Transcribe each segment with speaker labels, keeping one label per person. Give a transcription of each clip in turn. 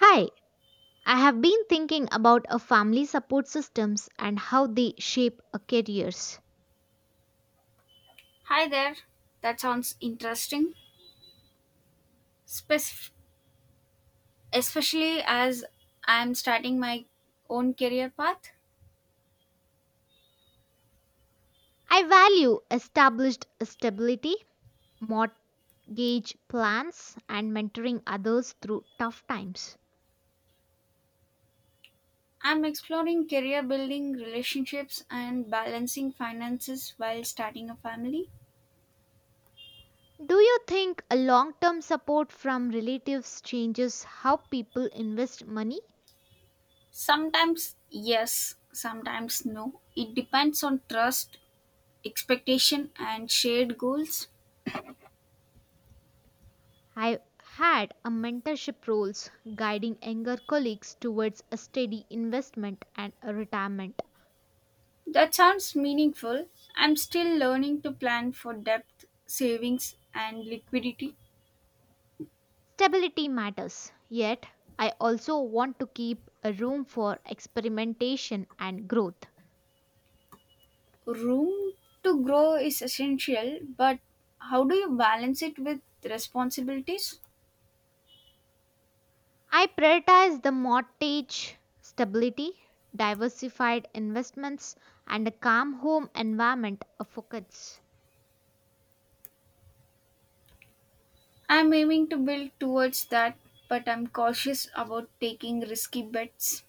Speaker 1: Hi, I have been thinking about a family support systems and how they shape a careers.
Speaker 2: Hi there. That sounds interesting, Spec- especially as I'm starting my own career path.
Speaker 1: I value established stability, mortgage plans and mentoring others through tough times.
Speaker 2: I'm exploring career building, relationships, and balancing finances while starting a family.
Speaker 1: Do you think a long-term support from relatives changes how people invest money?
Speaker 2: Sometimes yes, sometimes no. It depends on trust, expectation, and shared goals.
Speaker 1: I had a mentorship roles guiding younger colleagues towards a steady investment and a retirement.
Speaker 2: That sounds meaningful. I'm still learning to plan for depth, savings, and liquidity.
Speaker 1: Stability matters, yet, I also want to keep a room for experimentation and growth.
Speaker 2: Room to grow is essential, but how do you balance it with responsibilities?
Speaker 1: I prioritize the mortgage stability, diversified investments, and a calm home environment a focus.
Speaker 2: I'm aiming to build towards that, but I'm cautious about taking risky bets.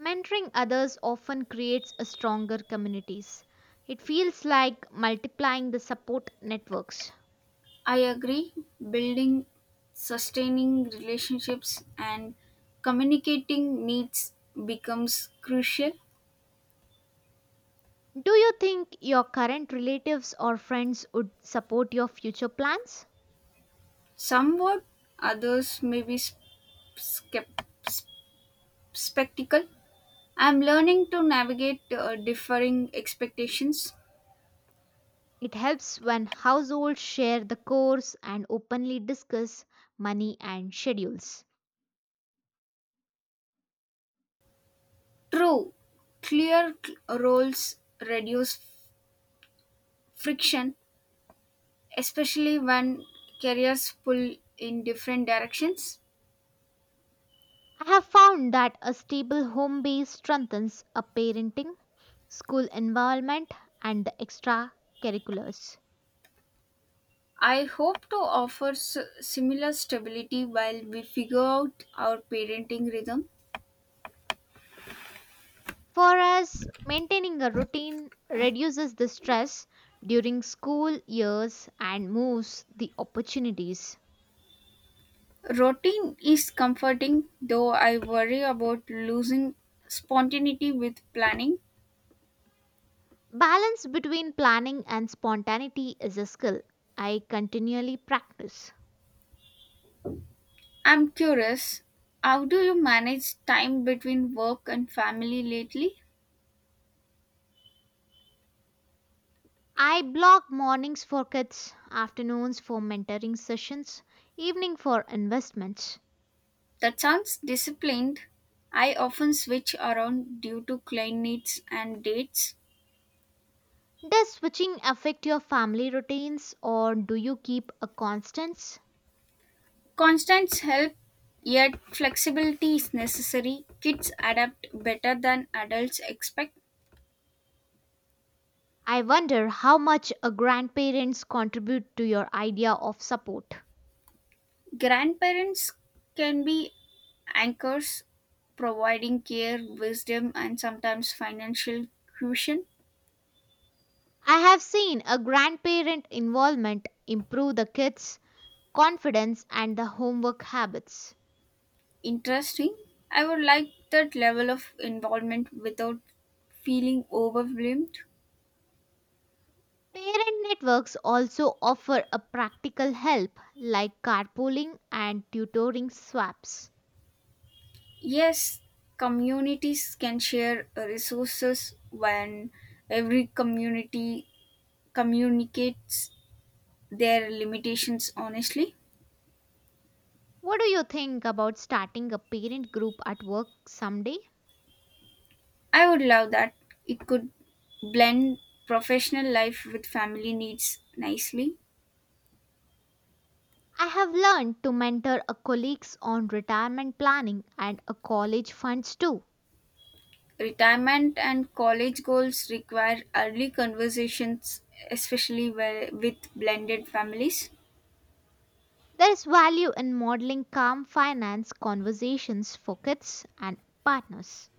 Speaker 1: Mentoring others often creates a stronger communities. It feels like multiplying the support networks.
Speaker 2: I agree, building sustaining relationships and communicating needs becomes crucial.
Speaker 1: Do you think your current relatives or friends would support your future plans?
Speaker 2: Somewhat others may be skep- sp- spectacle. I'm learning to navigate differing expectations.
Speaker 1: It helps when households share the course and openly discuss money and schedules.
Speaker 2: True, clear roles reduce friction, especially when careers pull in different directions.
Speaker 1: I have found that a stable home base strengthens a parenting, school environment, and the extracurriculars.
Speaker 2: I hope to offer similar stability while we figure out our parenting rhythm.
Speaker 1: For us, maintaining a routine reduces the stress during school years and moves the opportunities.
Speaker 2: Routine is comforting, though I worry about losing spontaneity with planning.
Speaker 1: Balance between planning and spontaneity is a skill I continually practice.
Speaker 2: I'm curious, how do you manage time between work and family lately?
Speaker 1: I block mornings for kids, afternoons for mentoring sessions, evening for investments.
Speaker 2: That sounds disciplined. I often switch around due to client needs and dates.
Speaker 1: Does switching affect your family routines or do you keep a constants?
Speaker 2: Constants help, yet flexibility is necessary. Kids adapt better than adults expect.
Speaker 1: I wonder how much a grandparents contribute to your idea of support.
Speaker 2: Grandparents can be anchors, providing care, wisdom, and sometimes financial cushion.
Speaker 1: I have seen a grandparent involvement improve the kids' confidence and the homework habits.
Speaker 2: Interesting. I would like that level of involvement without feeling overwhelmed.
Speaker 1: Parent networks also offer a practical help like carpooling and tutoring swaps.
Speaker 2: Yes, communities can share resources when every community communicates their limitations honestly.
Speaker 1: What do you think about starting a parent group at work someday?
Speaker 2: I would love that. It could blend professional life with family needs nicely.
Speaker 1: I have learned to mentor a colleagues on retirement planning and a college funds too.
Speaker 2: Retirement and college goals require early conversations, especially where, with blended families.
Speaker 1: There is value in modeling calm finance conversations for kids and partners.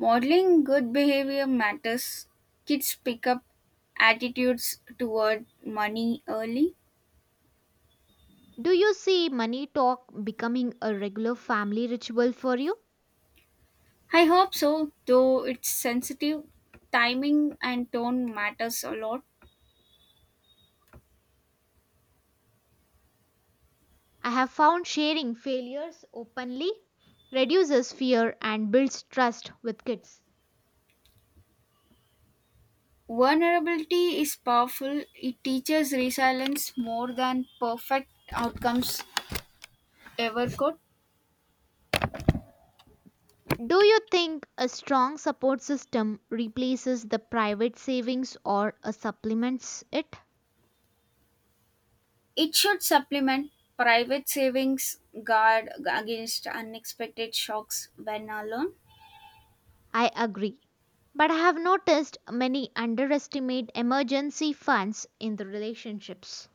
Speaker 2: Modeling good behavior matters. Kids pick up attitudes toward money early.
Speaker 1: Do you see money talk becoming a regular family ritual for you?
Speaker 2: I hope so, though it's sensitive. Timing and tone matters a lot.
Speaker 1: I have found sharing failures openly reduces fear and builds trust with kids.
Speaker 2: Vulnerability is powerful. It teaches resilience more than perfect outcomes ever could.
Speaker 1: Do you think a strong support system replaces the private savings or supplements it?
Speaker 2: It should supplement private savings guard against unexpected shocks when alone.
Speaker 1: I agree. But I have noticed many underestimate emergency funds in the relationships.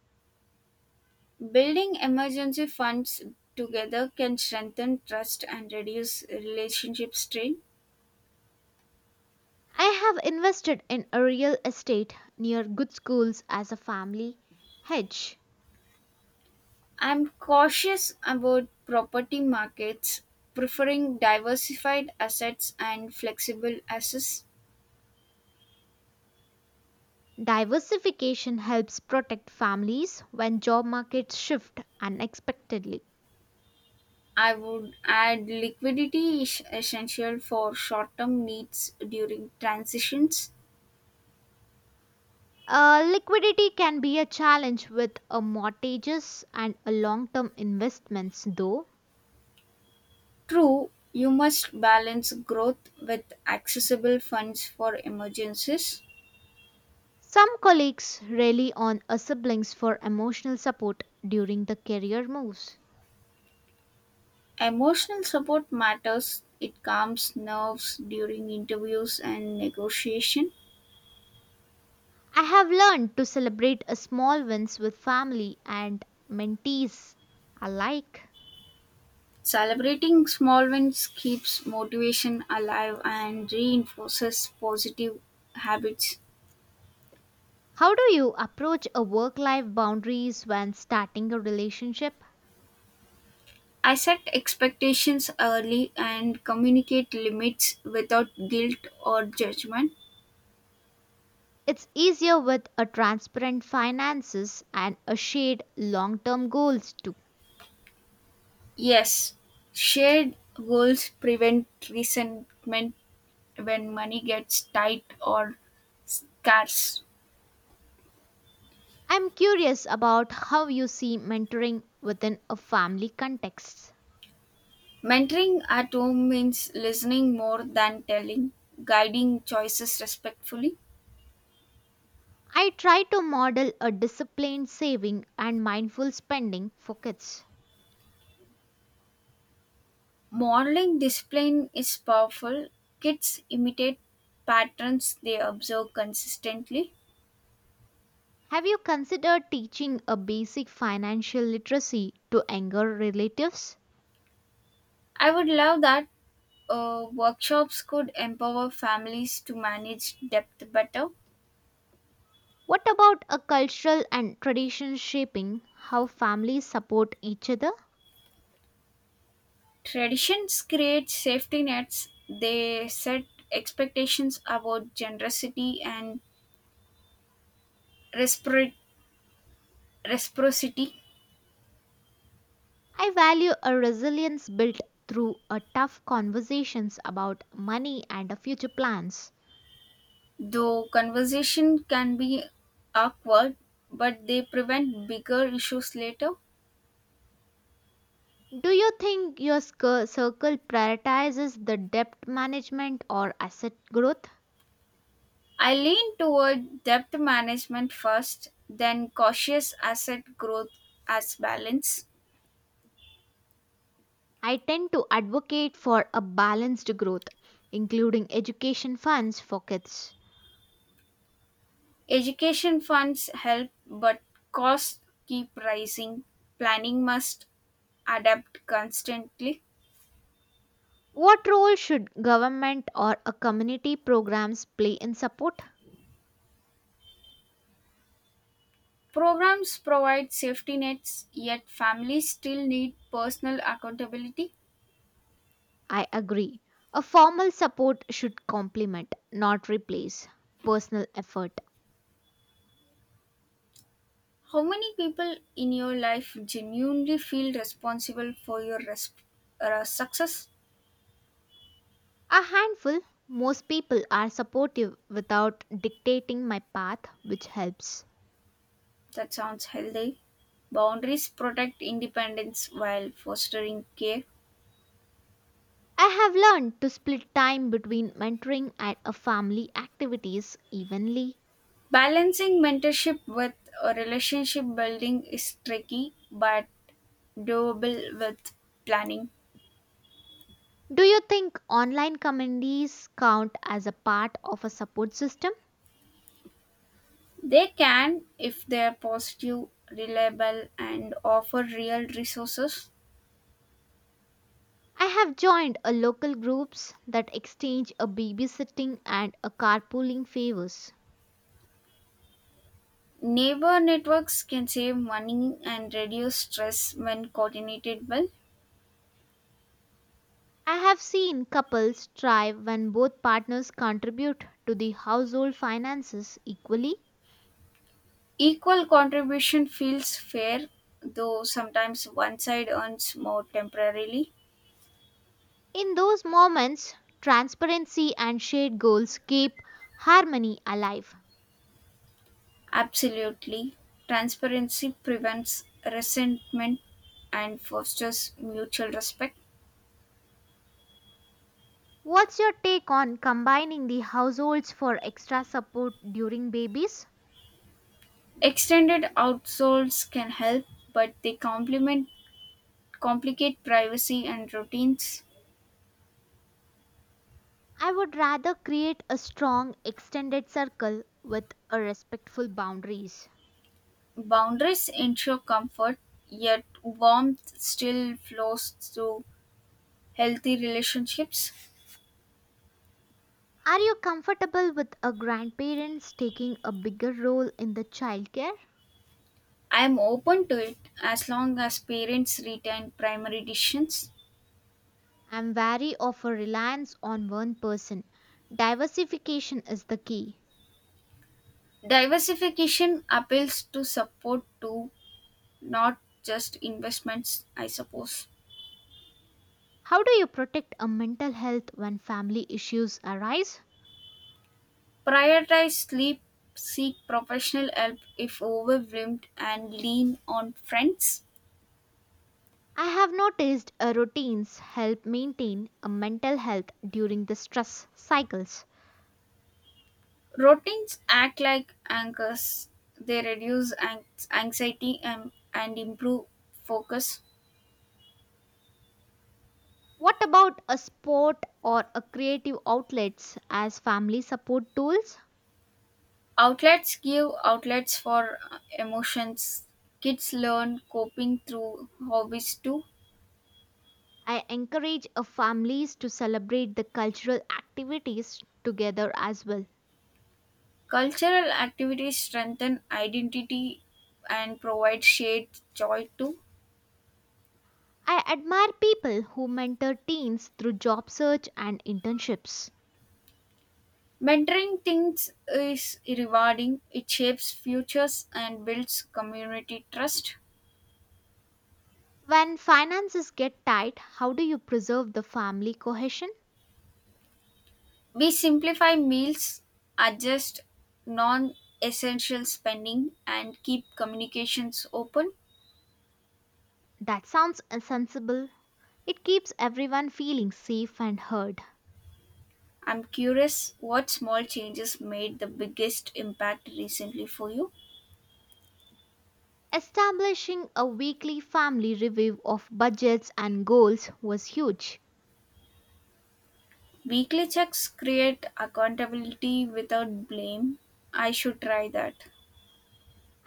Speaker 2: Building emergency funds together can strengthen trust and reduce relationship strain.
Speaker 1: I have invested in a real estate near good schools as a family hedge.
Speaker 2: I'm cautious about property markets, preferring diversified assets and flexible assets.
Speaker 1: Diversification helps protect families when job markets shift unexpectedly.
Speaker 2: I would add liquidity is essential for short term needs during transitions.
Speaker 1: Liquidity can be a challenge with mortgages and long-term investments, though.
Speaker 2: True, you must balance growth with accessible funds for emergencies.
Speaker 1: Some colleagues rely on siblings for emotional support during the career moves.
Speaker 2: Emotional support matters. It calms nerves during interviews and negotiation.
Speaker 1: I have learned to celebrate small wins with family and mentees alike.
Speaker 2: Celebrating small wins keeps motivation alive and reinforces positive habits.
Speaker 1: How do you approach a work-life boundaries when starting a relationship?
Speaker 2: I set expectations early and communicate limits without guilt or judgment.
Speaker 1: It's easier with a transparent finances and a shared long-term goals too.
Speaker 2: Yes, shared goals prevent resentment when money gets tight or scarce.
Speaker 1: I'm curious about how you see mentoring within a family context.
Speaker 2: Mentoring at home means listening more than telling, guiding choices respectfully.
Speaker 1: I try to model a disciplined saving and mindful spending for kids.
Speaker 2: Modeling discipline is powerful. Kids imitate patterns they observe consistently.
Speaker 1: Have you considered teaching a basic financial literacy to younger relatives?
Speaker 2: I would love that. Workshops could empower families to manage depth better.
Speaker 1: What about a cultural and tradition shaping how families support each other?
Speaker 2: Traditions create safety nets, they set expectations about generosity and respro- reciprocity.
Speaker 1: I value a resilience built through a tough conversations about money and a future plans.
Speaker 2: Though conversation can be awkward, but they prevent bigger issues later.
Speaker 1: Do you think your circle prioritizes the debt management or asset growth?
Speaker 2: I lean toward debt management first, then cautious asset growth as balance.
Speaker 1: I tend to advocate for a balanced growth, including education funds for kids.
Speaker 2: Education funds help, but costs keep rising. Planning must adapt constantly.
Speaker 1: What role should government or a community programs play in support?
Speaker 2: Programs provide safety nets, yet families still need personal accountability.
Speaker 1: I agree. A formal support should complement, not replace, personal effort.
Speaker 2: How many people in your life genuinely feel responsible for your success?
Speaker 1: A handful. Most people are supportive without dictating my path, which helps.
Speaker 2: That sounds healthy. Boundaries protect independence while fostering care.
Speaker 1: I have learned to split time between mentoring and a family activities evenly.
Speaker 2: Balancing mentorship with a relationship building is tricky but doable with planning.
Speaker 1: Do you think online communities count as a part of a support system?
Speaker 2: They can, if they are positive, reliable, and offer real resources.
Speaker 1: I have joined a local groups that exchange a babysitting and a carpooling favors.
Speaker 2: Neighbor networks can save money and reduce stress when coordinated well.
Speaker 1: I have seen couples thrive when both partners contribute to the household finances equally.
Speaker 2: Equal contribution feels fair, though sometimes one side earns more temporarily.
Speaker 1: In those moments, transparency and shared goals keep harmony alive.
Speaker 2: Absolutely. Transparency prevents resentment and fosters mutual respect.
Speaker 1: What's your take on combining the households for extra support during babies?
Speaker 2: Extended outsoles can help, but they complement complicate privacy and routines.
Speaker 1: I would rather create a strong extended circle with a respectful boundaries.
Speaker 2: Boundaries ensure comfort, yet warmth still flows through healthy relationships.
Speaker 1: Are you comfortable with a grandparents taking a bigger role in the childcare?
Speaker 2: I am open to it as long as parents retain primary decisions.
Speaker 1: I'm wary of a reliance on one person. Diversification is the key.
Speaker 2: Diversification appeals to support too, not just investments, I suppose.
Speaker 1: How do you protect a mental health when family issues arise?
Speaker 2: Prioritize sleep, seek professional help if overwhelmed, and lean on friends.
Speaker 1: I have noticed routines help maintain a mental health during the stress cycles.
Speaker 2: Routines act like anchors. They reduce anxiety and improve focus.
Speaker 1: What about a sport or a creative outlets as family support tools?
Speaker 2: Outlets give outlets for emotions. Kids learn coping through hobbies too.
Speaker 1: I encourage families to celebrate the cultural activities together as well.
Speaker 2: Cultural activities strengthen identity and provide shared joy too.
Speaker 1: I admire people who mentor teens through job search and internships.
Speaker 2: Mentoring things is rewarding. It shapes futures and builds community trust.
Speaker 1: When finances get tight, how do you preserve the family cohesion?
Speaker 2: We simplify meals, adjust non essential spending, and keep communications open.
Speaker 1: That sounds sensible. It keeps everyone feeling safe and heard.
Speaker 2: I'm curious what small changes made the biggest impact recently for you.
Speaker 1: Establishing a weekly family review of budgets and goals was huge.
Speaker 2: Weekly checks create accountability without blame. I should try that.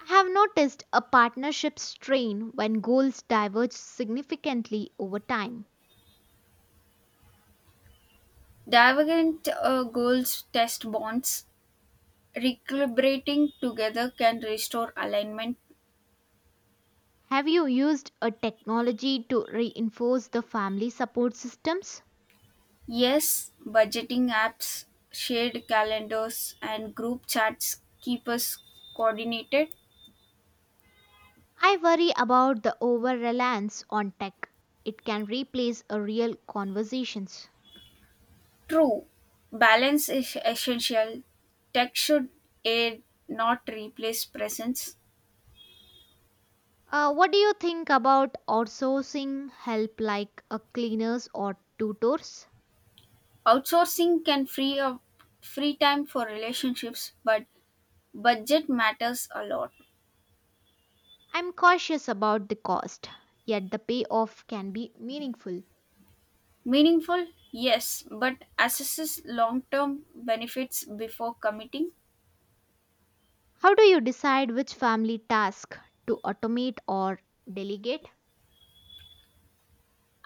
Speaker 1: I have noticed a partnership strain when goals diverge significantly over time.
Speaker 2: Divergent goals test bonds. Recalibrating together can restore alignment.
Speaker 1: Have you used a technology to reinforce the family support systems?
Speaker 2: Yes, budgeting apps, shared calendars, and group chats keep us coordinated.
Speaker 1: I worry about the over reliance on tech. It can replace a real conversations.
Speaker 2: True, balance is essential. Tech should aid, not replace presence.
Speaker 1: What do you think about outsourcing help like a cleaners or tutors?
Speaker 2: Outsourcing can free time for relationships, but budget matters a lot.
Speaker 1: I'm cautious about the cost, yet the payoff can be meaningful.
Speaker 2: Meaningful, yes, but assesses long term benefits before committing.
Speaker 1: How do you decide which family task to automate or delegate?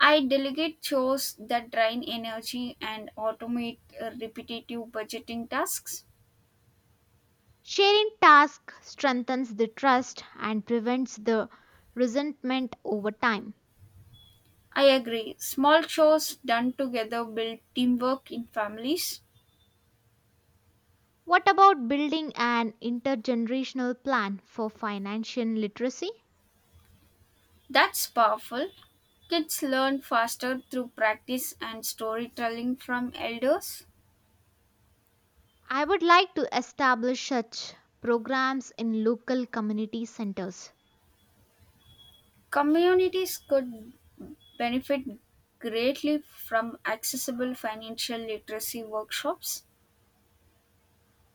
Speaker 2: I delegate chores that drain energy and automate repetitive budgeting tasks.
Speaker 1: Sharing tasks strengthens the trust and prevents the resentment over time.
Speaker 2: I agree. Small chores done together build teamwork in families.
Speaker 1: What about building an intergenerational plan for financial literacy?
Speaker 2: That's powerful. Kids learn faster through practice and storytelling from elders.
Speaker 1: I would like to establish such programs in local community centers.
Speaker 2: Communities could benefit greatly from accessible financial literacy workshops.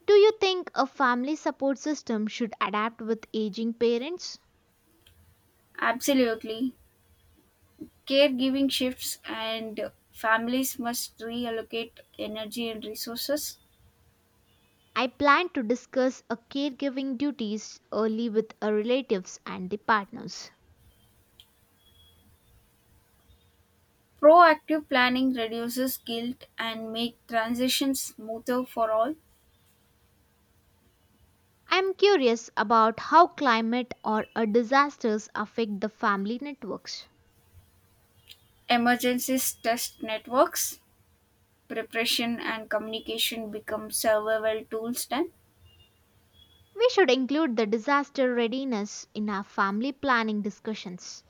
Speaker 1: Do you think a family support system should adapt with aging parents?
Speaker 2: Absolutely. Caregiving shifts and families must reallocate energy and resources.
Speaker 1: I plan to discuss a caregiving duties early with a relatives and the partners.
Speaker 2: Proactive planning reduces guilt and make transitions smoother for all.
Speaker 1: I am curious about how climate or a disasters affect the family networks.
Speaker 2: Emergencies test networks. Preparation and communication become survival tools then.
Speaker 1: We should include the disaster readiness in our family planning discussions.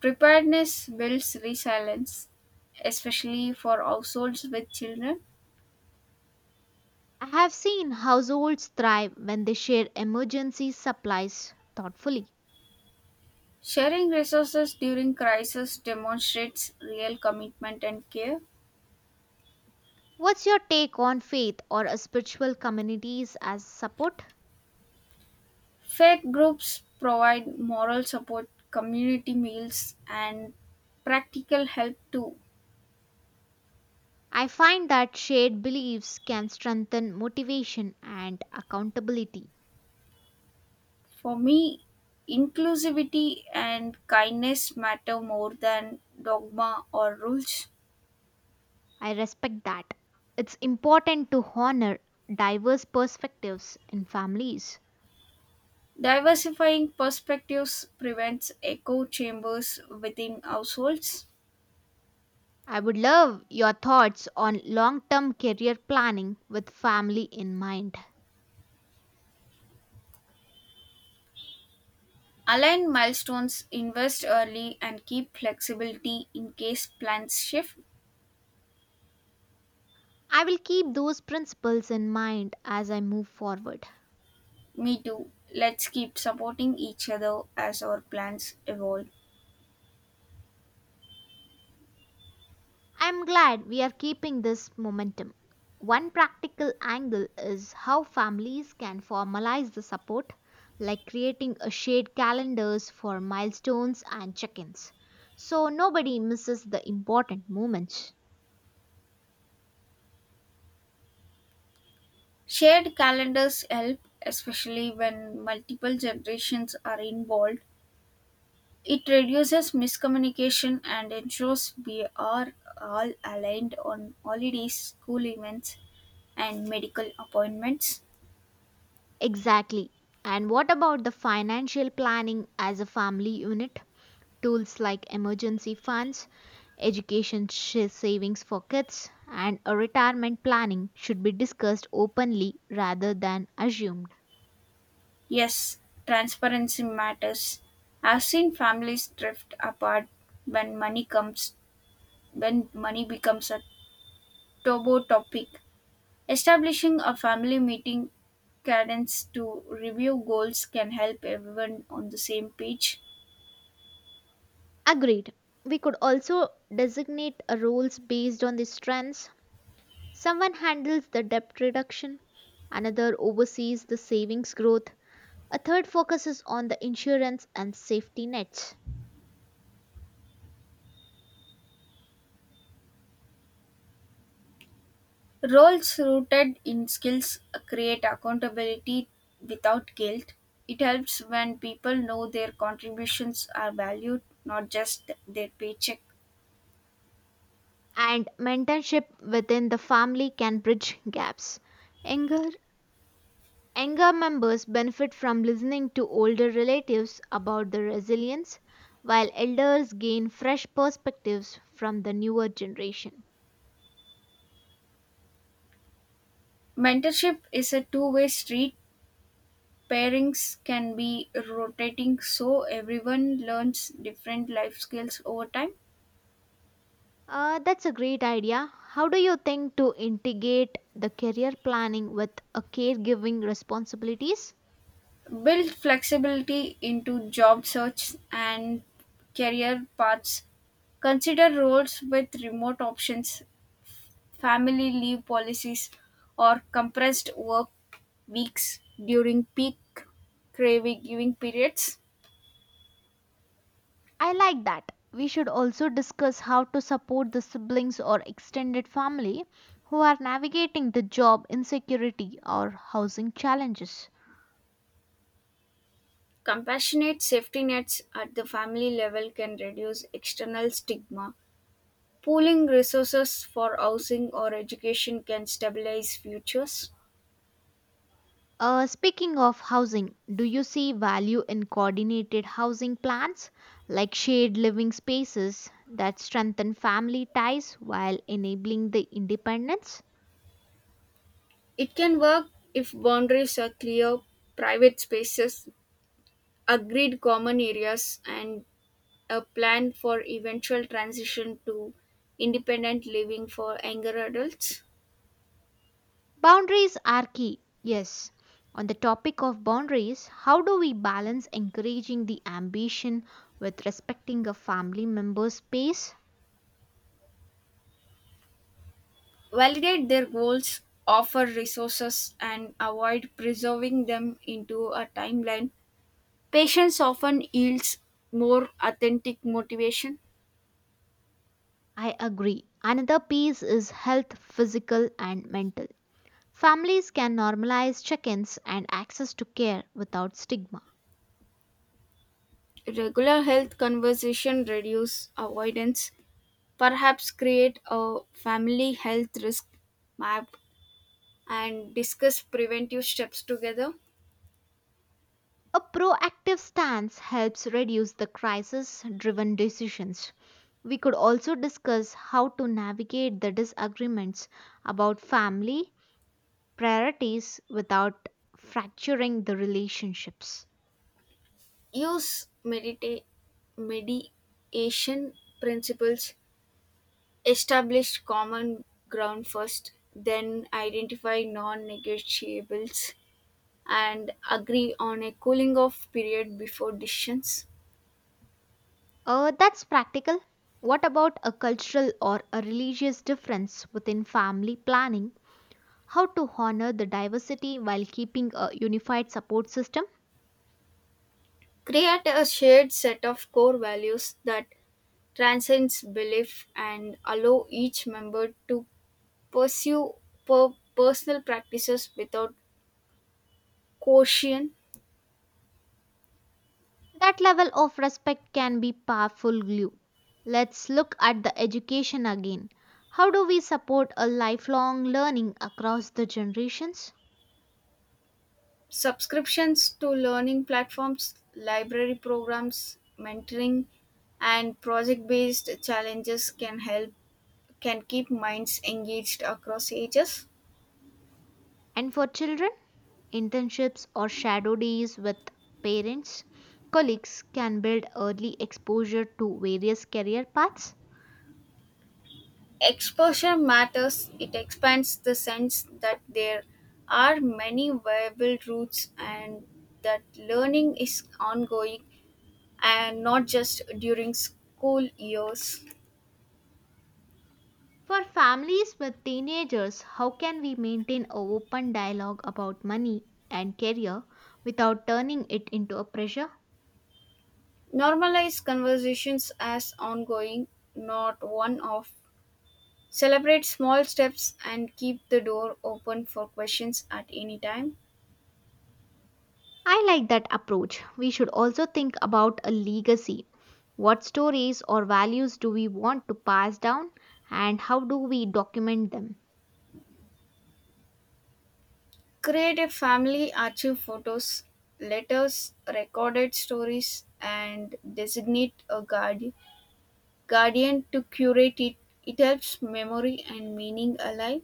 Speaker 2: Preparedness builds resilience, especially for households with children.
Speaker 1: I have seen households thrive when they share emergency supplies thoughtfully.
Speaker 2: Sharing resources during crisis demonstrates real commitment and care.
Speaker 1: What's your take on faith or a spiritual communities as support?
Speaker 2: Faith groups provide moral support, community meals, and practical help too.
Speaker 1: I find that shared beliefs can strengthen motivation and accountability.
Speaker 2: For me, inclusivity and kindness matter more than dogma or rules.
Speaker 1: I respect that. It's important to honor diverse perspectives in families.
Speaker 2: Diversifying perspectives prevents echo chambers within households.
Speaker 1: I would love your thoughts on long term career planning with family in mind.
Speaker 2: Align milestones, invest early, and keep flexibility in case plans shift.
Speaker 1: I will keep those principles in mind as I move forward.
Speaker 2: Me too. Let's keep supporting each other as our plans evolve.
Speaker 1: I am glad we are keeping this momentum. One practical angle is how families can formalize the support, like creating a shared calendars for milestones and check-ins. So nobody misses the important moments.
Speaker 2: Shared calendars help, especially when multiple generations are involved. It reduces miscommunication and ensures we are all aligned on holidays, school events, and medical appointments.
Speaker 1: Exactly. And what about the financial planning as a family unit? Tools like emergency funds, education savings for kids, and a retirement planning should be discussed openly rather than assumed.
Speaker 2: Yes, transparency matters. I've seen families drift apart when money comes when money becomes a taboo topic. Establishing a family meeting cadence to review goals can help everyone on the same page.
Speaker 1: Agreed. We could also designate a roles based on the strengths. Someone handles the debt reduction, another oversees the savings growth, a third focuses on the insurance and safety nets.
Speaker 2: Roles rooted in skills create accountability without guilt. It helps when people know their contributions are valued, not just their paycheck.
Speaker 1: And mentorship within the family can bridge gaps. Anger. Younger members benefit from listening to older relatives about their resilience, while elders gain fresh perspectives from the newer generation.
Speaker 2: Mentorship is a two-way street. Pairings can be rotating so everyone learns different life skills over time.
Speaker 1: That's a great idea. How do you think to integrate the career planning with a caregiving responsibilities?
Speaker 2: Build flexibility into job search and career paths, consider roles with remote options, family leave policies, or compressed work weeks during peak craving giving periods.
Speaker 1: I like that. We should also discuss how to support the siblings or extended family who are navigating the job insecurity or housing challenges.
Speaker 2: Compassionate safety nets at the family level can reduce external stigma. Pooling resources for housing or education can stabilize futures.
Speaker 1: Speaking of housing, do you see value in coordinated housing plans like shared living spaces that strengthen family ties while enabling the independence?
Speaker 2: It can work if boundaries are clear, private spaces, agreed common areas, and a plan for eventual transition to independent living for younger adults.
Speaker 1: Boundaries are key, yes. On the topic of boundaries, how do we balance encouraging the ambition with respecting a family member's space?
Speaker 2: Validate their goals, offer resources, and avoid preserving them into a timeline. Patience often yields more authentic motivation.
Speaker 1: I agree. Another piece is health, physical, and mental. Families can normalize check ins and access to care without stigma.
Speaker 2: Regular health conversation reduce avoidance. Perhaps create a family health risk map and discuss preventive steps together.
Speaker 1: A proactive stance helps reduce the crisis driven decisions. We could also discuss how to navigate the disagreements about family priorities without fracturing the relationships.
Speaker 2: Use mediation principles. Establish common ground first, then identify non negotiables and agree on a cooling off period before decisions.
Speaker 1: That's practical. What about a cultural or a religious difference within family planning? How to honor the diversity while keeping a unified support system?
Speaker 2: Create a shared set of core values that transcends belief and allow each member to pursue personal practices without quotient,
Speaker 1: That level of respect can be powerful glue. Let's look at the education again. How do we support a lifelong learning across the generations?
Speaker 2: subscriptions to learning platforms, library programs, mentoring, and project-based challenges can help can keep minds engaged across ages.
Speaker 1: And for children, internships or shadow days with parents, colleagues can build early exposure to various career paths.
Speaker 2: Exposure matters. It expands the sense that there are many viable routes and that learning is ongoing and not just during school years.
Speaker 1: For families with teenagers, how can we maintain an open dialogue about money and career without turning it into a pressure?
Speaker 2: Normalize conversations as ongoing, not one off. Celebrate small steps and keep the door open for questions at any time.
Speaker 1: I like that approach. We should also think about a legacy. What stories or values do we want to pass down and how do we document them?
Speaker 2: Create a family archive photos, letters, recorded stories, and designate a guardian to curate it. It helps memory and meaning alive.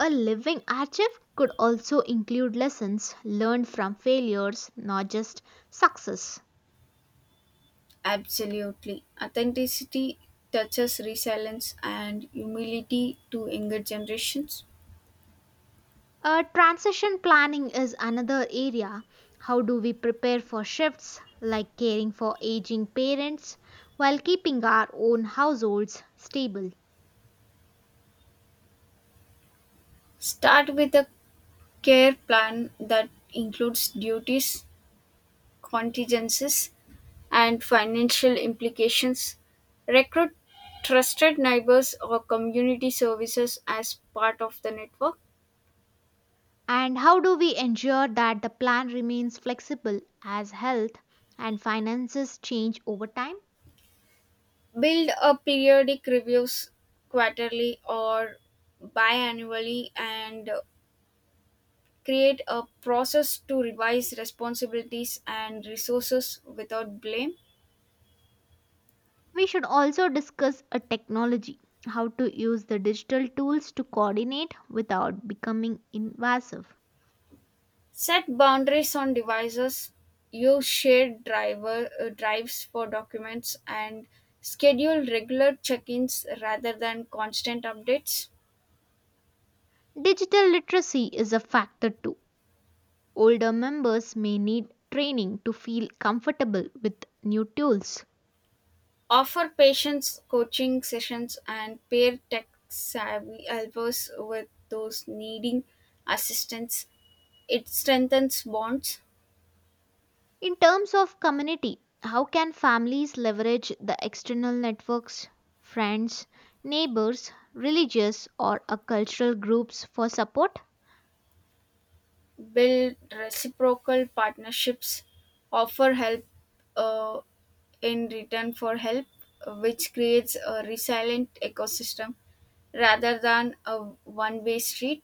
Speaker 1: A living archive could also include lessons learned from failures, not just success.
Speaker 2: Absolutely. Authenticity touches resilience and humility to younger generations.
Speaker 1: Transition planning is another area. How do we prepare for shifts like caring for aging parents while keeping our own households stable?
Speaker 2: Start with a care plan that includes duties, contingencies, and financial implications. Recruit trusted neighbors or community services as part of the network.
Speaker 1: And how do we ensure that the plan remains flexible as health and finances change over time?
Speaker 2: Build a periodic reviews quarterly or biannually and create a process to revise responsibilities and resources without blame.
Speaker 1: We should also discuss a technology, how to use the digital tools to coordinate without becoming invasive.
Speaker 2: Set boundaries on devices, use shared drives for documents, and schedule regular check ins rather than constant updates.
Speaker 1: Digital literacy is a factor too. Older members may need training to feel comfortable with new tools.
Speaker 2: Offer patients coaching sessions and pair tech savvy helpers with those needing assistance. It strengthens bonds.
Speaker 1: In terms of community, how can families leverage the external networks, friends, neighbors, religious, or a cultural groups for support?
Speaker 2: Build reciprocal partnerships, offer help uh, in return for help, which creates a resilient ecosystem rather than a one way street.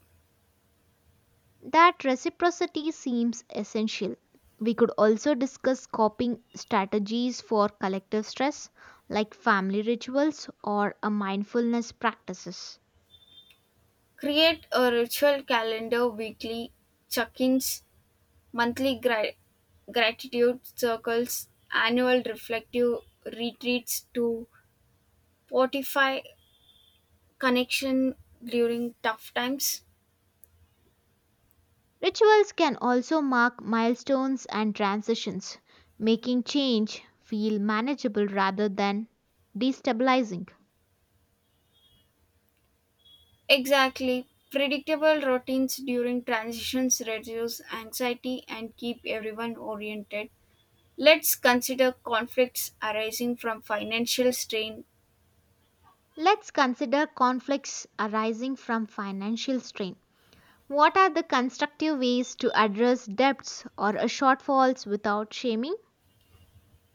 Speaker 1: That reciprocity seems essential. We could also discuss coping strategies for collective stress, like family rituals or a mindfulness practices.
Speaker 2: Create a ritual calendar weekly check ins, monthly gratitude circles, annual reflective retreats to fortify connection during tough times.
Speaker 1: Rituals can also mark milestones and transitions, making change feel manageable rather than destabilizing.
Speaker 2: Exactly. Predictable routines during transitions reduce anxiety and keep everyone oriented. Let's consider conflicts arising from financial strain.
Speaker 1: Let's consider conflicts arising from financial strain. What are the constructive ways to address debts or shortfalls without shaming?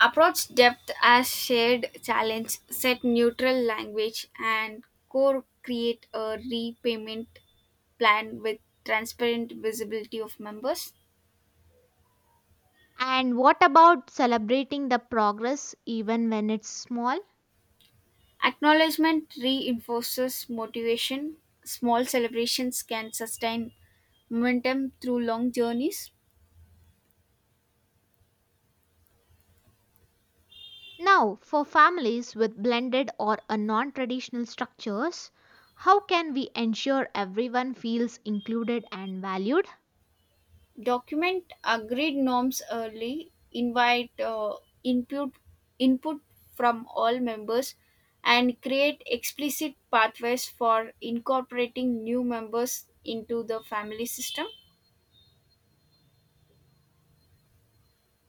Speaker 2: Approach depth as shared challenge, set neutral language, and core create a repayment plan with transparent visibility of members.
Speaker 1: And what about celebrating the progress even when it's small?
Speaker 2: Acknowledgement reinforces motivation. Small celebrations can sustain momentum through long journeys.
Speaker 1: Now, for families with blended or a non traditional structures, how can we ensure everyone feels included and valued?
Speaker 2: Document agreed norms early. Invite input input from all members and create explicit pathways for incorporating new members into the family system.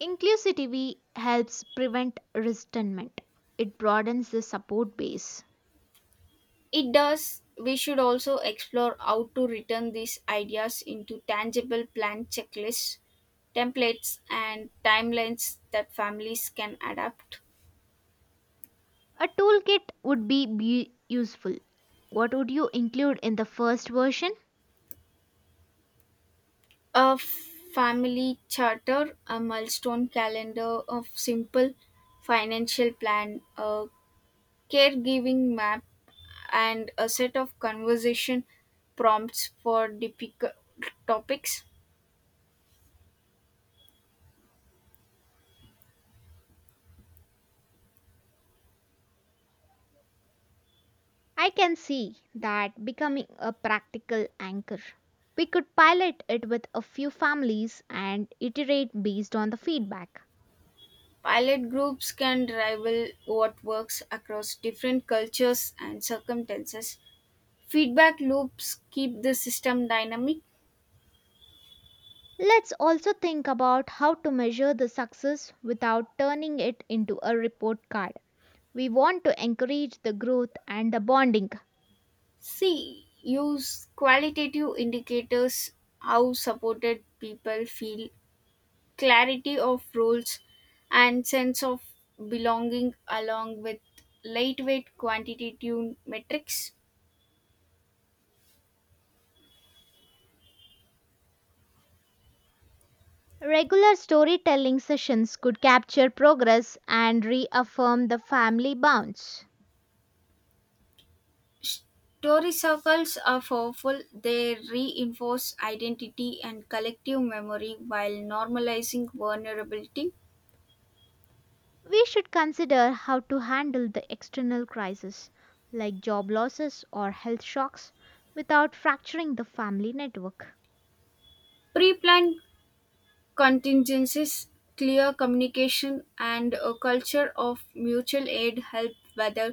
Speaker 1: Inclusivity helps prevent resentment, it broadens the support base.
Speaker 2: It does. We should also explore how to return these ideas into tangible plan checklists, templates, and timelines that families can adapt.
Speaker 1: A toolkit would be useful. What would you include in the first version?
Speaker 2: A family charter, a milestone calendar of simple financial plan, a caregiving map, and a set of conversation prompts for difficult topics.
Speaker 1: I can see that becoming a practical anchor. We could pilot it with a few families and iterate based on the feedback.
Speaker 2: Pilot groups can rival what works across different cultures and circumstances. Feedback loops keep the system dynamic.
Speaker 1: Let's also think about how to measure the success without turning it into a report card. We want to encourage the growth and the bonding.
Speaker 2: C. Use qualitative indicators how supported people feel, clarity of roles, and sense of belonging, along with lightweight quantitative metrics.
Speaker 1: Regular storytelling sessions could capture progress and reaffirm the family bonds.
Speaker 2: Story circles are powerful. They reinforce identity and collective memory while normalizing vulnerability.
Speaker 1: We should consider how to handle the external crisis like job losses or health shocks without fracturing the family network.
Speaker 2: Pre planned contingencies, clear communication, and a culture of mutual aid help weather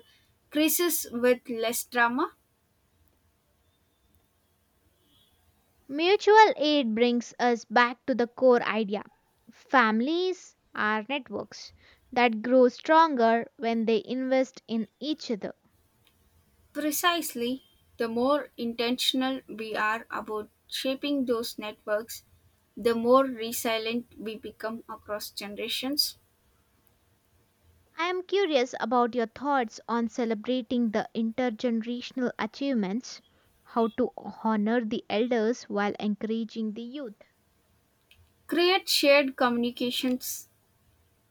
Speaker 2: crises with less drama.
Speaker 1: Mutual aid brings us back to the core idea. Families are networks that grow stronger when they invest in each other.
Speaker 2: Precisely, the more intentional we are about shaping those networks, the more resilient we become across generations.
Speaker 1: I am curious about your thoughts on celebrating the intergenerational achievements, how to honor the elders while encouraging the youth.
Speaker 2: Create shared communications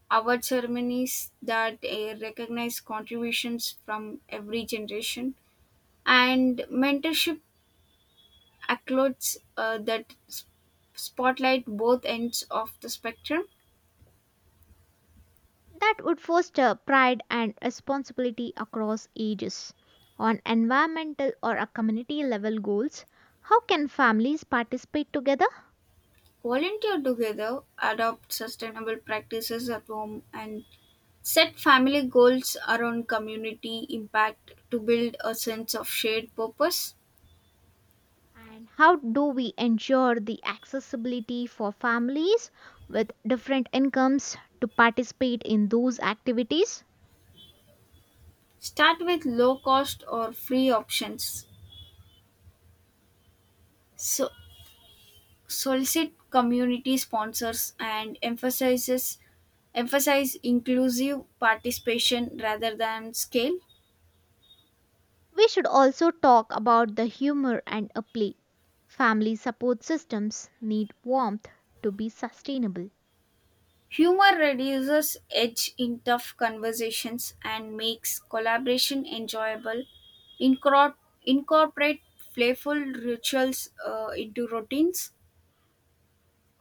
Speaker 2: award ceremonies that recognize contributions from every generation and mentorship accolades that spotlight both ends of the spectrum.
Speaker 1: That would foster pride and responsibility across ages. On environmental or a community level goals, how can families participate together?
Speaker 2: Volunteer together, adopt sustainable practices at home and set family goals around community impact to build a sense of shared purpose.
Speaker 1: And how do we ensure the accessibility for families with different incomes to participate in those activities?
Speaker 2: Start with low cost or free options, so solicit community sponsors and emphasize inclusive participation rather than scale.
Speaker 1: We should also talk about the humor and a play. Family support systems need warmth to be sustainable.
Speaker 2: Humor reduces edge in tough conversations and makes collaboration enjoyable. Incor- Incorporate playful rituals into routines.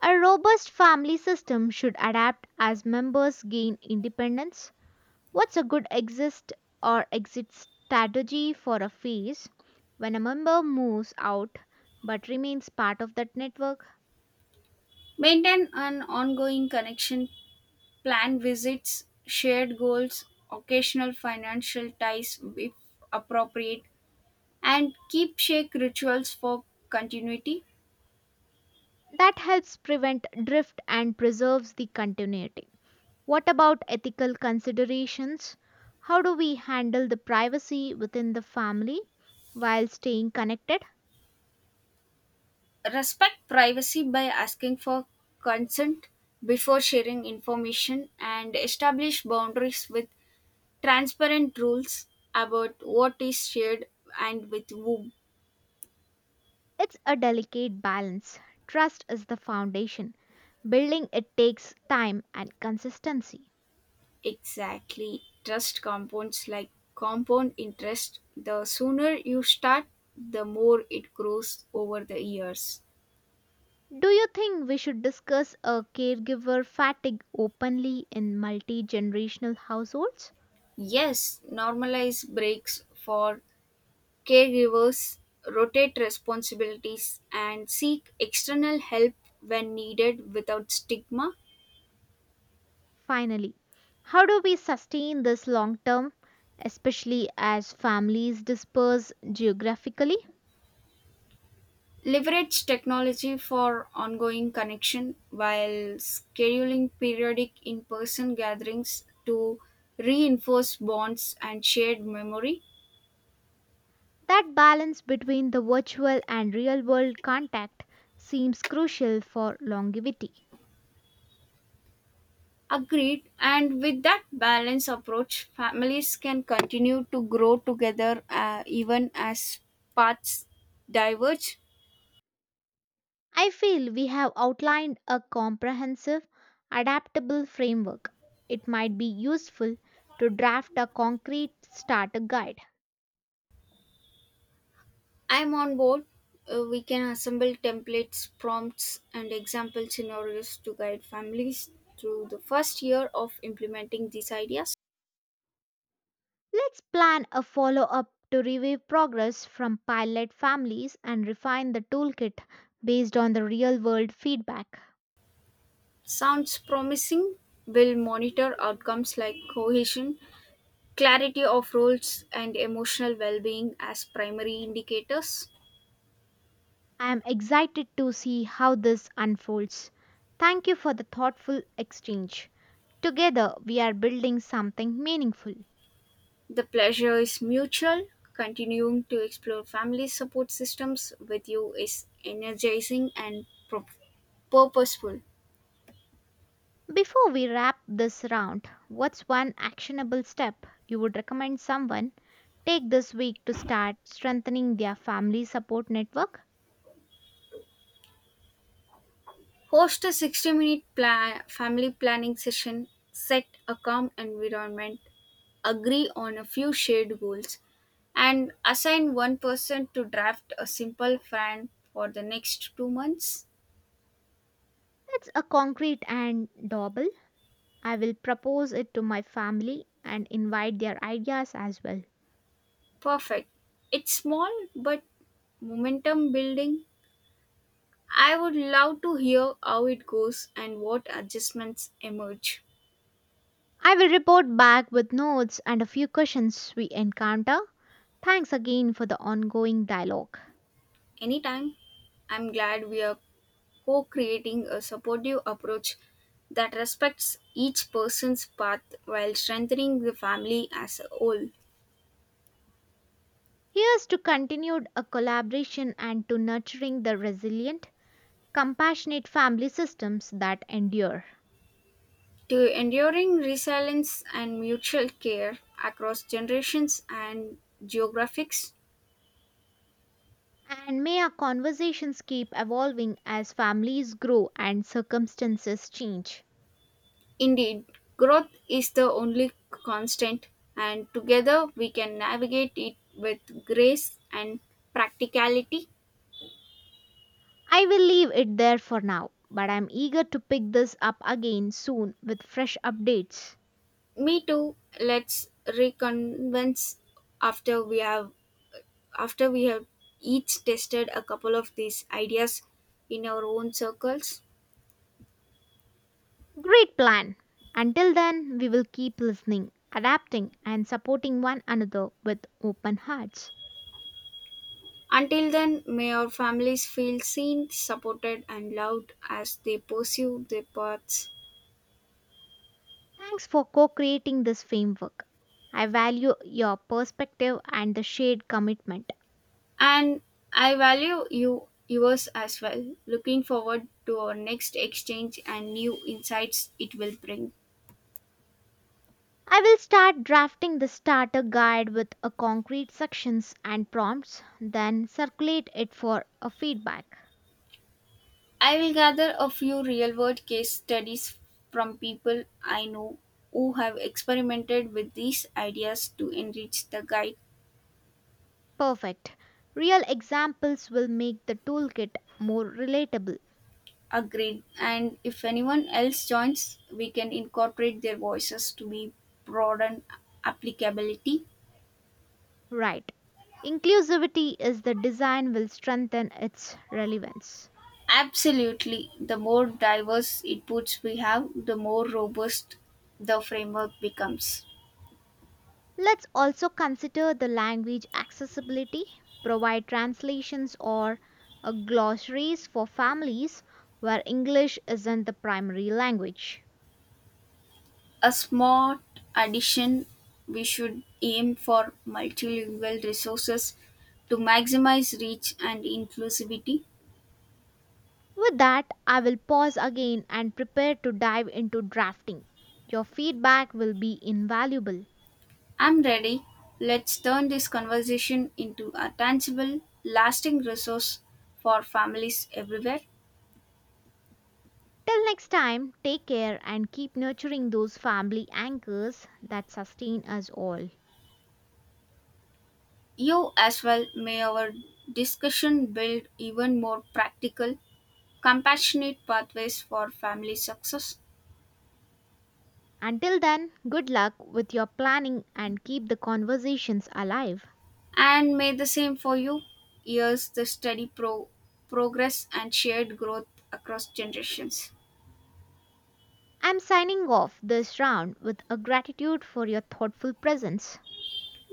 Speaker 1: A robust family system should adapt as members gain independence. What's a good exist or exit strategy for a phase when a member moves out but remains part of that network?
Speaker 2: Maintain an ongoing connection. Plan visits, shared goals, occasional financial ties if appropriate, and keep shake rituals for continuity.
Speaker 1: That helps prevent drift and preserves the continuity. What about ethical considerations? How do we handle the privacy within the family while staying connected?
Speaker 2: Respect privacy by asking for consent before sharing information and establish boundaries with transparent rules about what is shared and with whom.
Speaker 1: It's a delicate balance. Trust is the foundation. Building it takes time and consistency.
Speaker 2: Exactly. Trust compounds like compound interest. The sooner you start, the more it grows over the years.
Speaker 1: Do you think we should discuss a caregiver fatigue openly in multi generational households?
Speaker 2: Yes, normalize breaks for caregivers, rotate responsibilities and seek external help when needed without stigma.
Speaker 1: Finally, how do we sustain this long term, especially as families disperse geographically?
Speaker 2: Leverage technology for ongoing connection while scheduling periodic in person gatherings to reinforce bonds and shared memory.
Speaker 1: That balance between the virtual and real world contact seems crucial for longevity.
Speaker 2: Agreed. And with that balanced approach, families can continue to grow together, even as paths diverge.
Speaker 1: I feel we have outlined a comprehensive, adaptable framework. It might be useful to draft a concrete starter guide.
Speaker 2: I'm on board. We can assemble templates, prompts, and example scenarios to guide families through the first year of implementing these ideas.
Speaker 1: Let's plan a follow up to review progress from pilot families and refine the toolkit based on the real world feedback.
Speaker 2: Sounds promising. We'll monitor outcomes like cohesion, clarity of roles, and emotional well being as primary indicators.
Speaker 1: I am excited to see how this unfolds. Thank you for the thoughtful exchange. Together, we are building something meaningful.
Speaker 2: The pleasure is mutual. Continuing to explore family support systems with you is energizing and purposeful.
Speaker 1: Before we wrap this round, what's one actionable step you would recommend someone take this week to start strengthening their family support network?
Speaker 2: Host a 60-minute plan family planning session, set a calm environment, agree on a few shared goals, and assign one person to draft a simple plan for the next 2 months.
Speaker 1: That's a concrete and doable. I will propose it to my family and invite their ideas as well.
Speaker 2: Perfect. It's small but momentum building. I would love to hear how it goes and what adjustments emerge.
Speaker 1: I will report back with notes and a few questions we encounter. Thanks again for the ongoing dialogue.
Speaker 2: Anytime, I'm glad we are co creating a supportive approach that respects each person's path while strengthening the family as a whole.
Speaker 1: Here's to continued a collaboration and to nurturing the resilient compassionate family systems that endure.
Speaker 2: To enduring resilience and mutual care across generations and geographics.
Speaker 1: And may our conversations keep evolving as families grow and circumstances change.
Speaker 2: Indeed, growth is the only constant, and together we can navigate it with grace and practicality.
Speaker 1: I will leave it there for now, but I'm eager to pick this up again soon with fresh updates.
Speaker 2: Me too. Let's reconvince after we have after we have each tested a couple of these ideas in our own circles.
Speaker 1: Great plan! Until then, we will keep listening, adapting, and supporting one another with open hearts.
Speaker 2: Until then, may our families feel seen, supported, and loved as they pursue their paths.
Speaker 1: Thanks for co creating this framework. I value your perspective and the shared commitment.
Speaker 2: And I value you yours as well. Looking forward to our next exchange and new insights it will bring.
Speaker 1: I will start drafting the starter guide with a concrete sections and prompts, then circulate it for a feedback.
Speaker 2: I will gather a few real world case studies from people I know who have experimented with these ideas to enrich the guide.
Speaker 1: Perfect. Real examples will make the toolkit more relatable.
Speaker 2: Agreed. And if anyone else joins, we can incorporate their voices to be broaden applicability.
Speaker 1: Right. Inclusivity is the design will strengthen its relevance.
Speaker 2: Absolutely. The more diverse inputs we have, the more robust the framework becomes.
Speaker 1: Let's also consider the language accessibility, provide translations or glossaries for families where English isn't the primary language.
Speaker 2: A smart addition, we should aim for multilingual resources to maximize reach and inclusivity.
Speaker 1: With that, I will pause again and prepare to dive into drafting. Your feedback will be invaluable.
Speaker 2: I'm ready. Let's turn this conversation into a tangible, lasting resource for families everywhere.
Speaker 1: Till next time, take care and keep nurturing those family anchors that sustain us all.
Speaker 2: You as well, may our discussion build even more practical, compassionate pathways for family success.
Speaker 1: Until then, good luck with your planning and keep the conversations alive.
Speaker 2: And may the same for you. Years, the steady progress and shared growth across generations.
Speaker 1: I'm signing off this round with a gratitude for your thoughtful presence.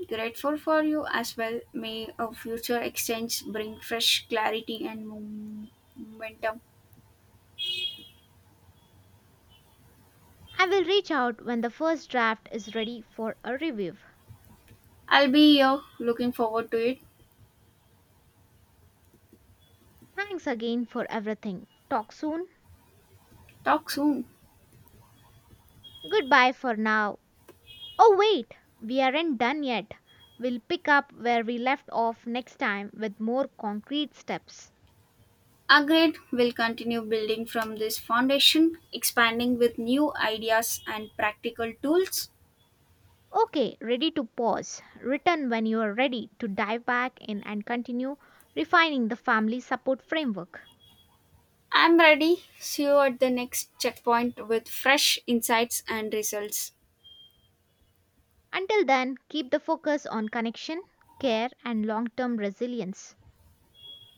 Speaker 2: Grateful for you as well. May our future exchange bring fresh clarity and momentum.
Speaker 1: I will reach out when the first draft is ready for a review.
Speaker 2: I'll be here looking forward to it.
Speaker 1: Thanks again for everything. Talk soon.
Speaker 2: Talk soon.
Speaker 1: Goodbye for now. Oh, wait, we aren't done yet. We'll pick up where we left off next time with more concrete steps.
Speaker 2: Agreed, will continue building from this foundation, expanding with new ideas and practical tools.
Speaker 1: Okay, ready to pause. Return when you are ready to dive back in and continue refining the family support framework.
Speaker 2: I'm ready. See you at the next checkpoint with fresh insights and results.
Speaker 1: Until then, keep the focus on connection, care, and long term resilience.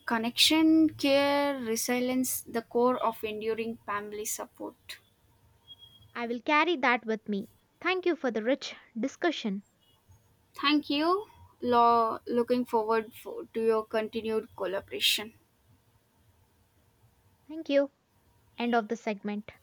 Speaker 2: Connection, care, resilience, the core of enduring family support.
Speaker 1: I will carry that with me. Thank you for the rich discussion.
Speaker 2: Thank you. Looking to your continued collaboration.
Speaker 1: Thank you. End of the segment.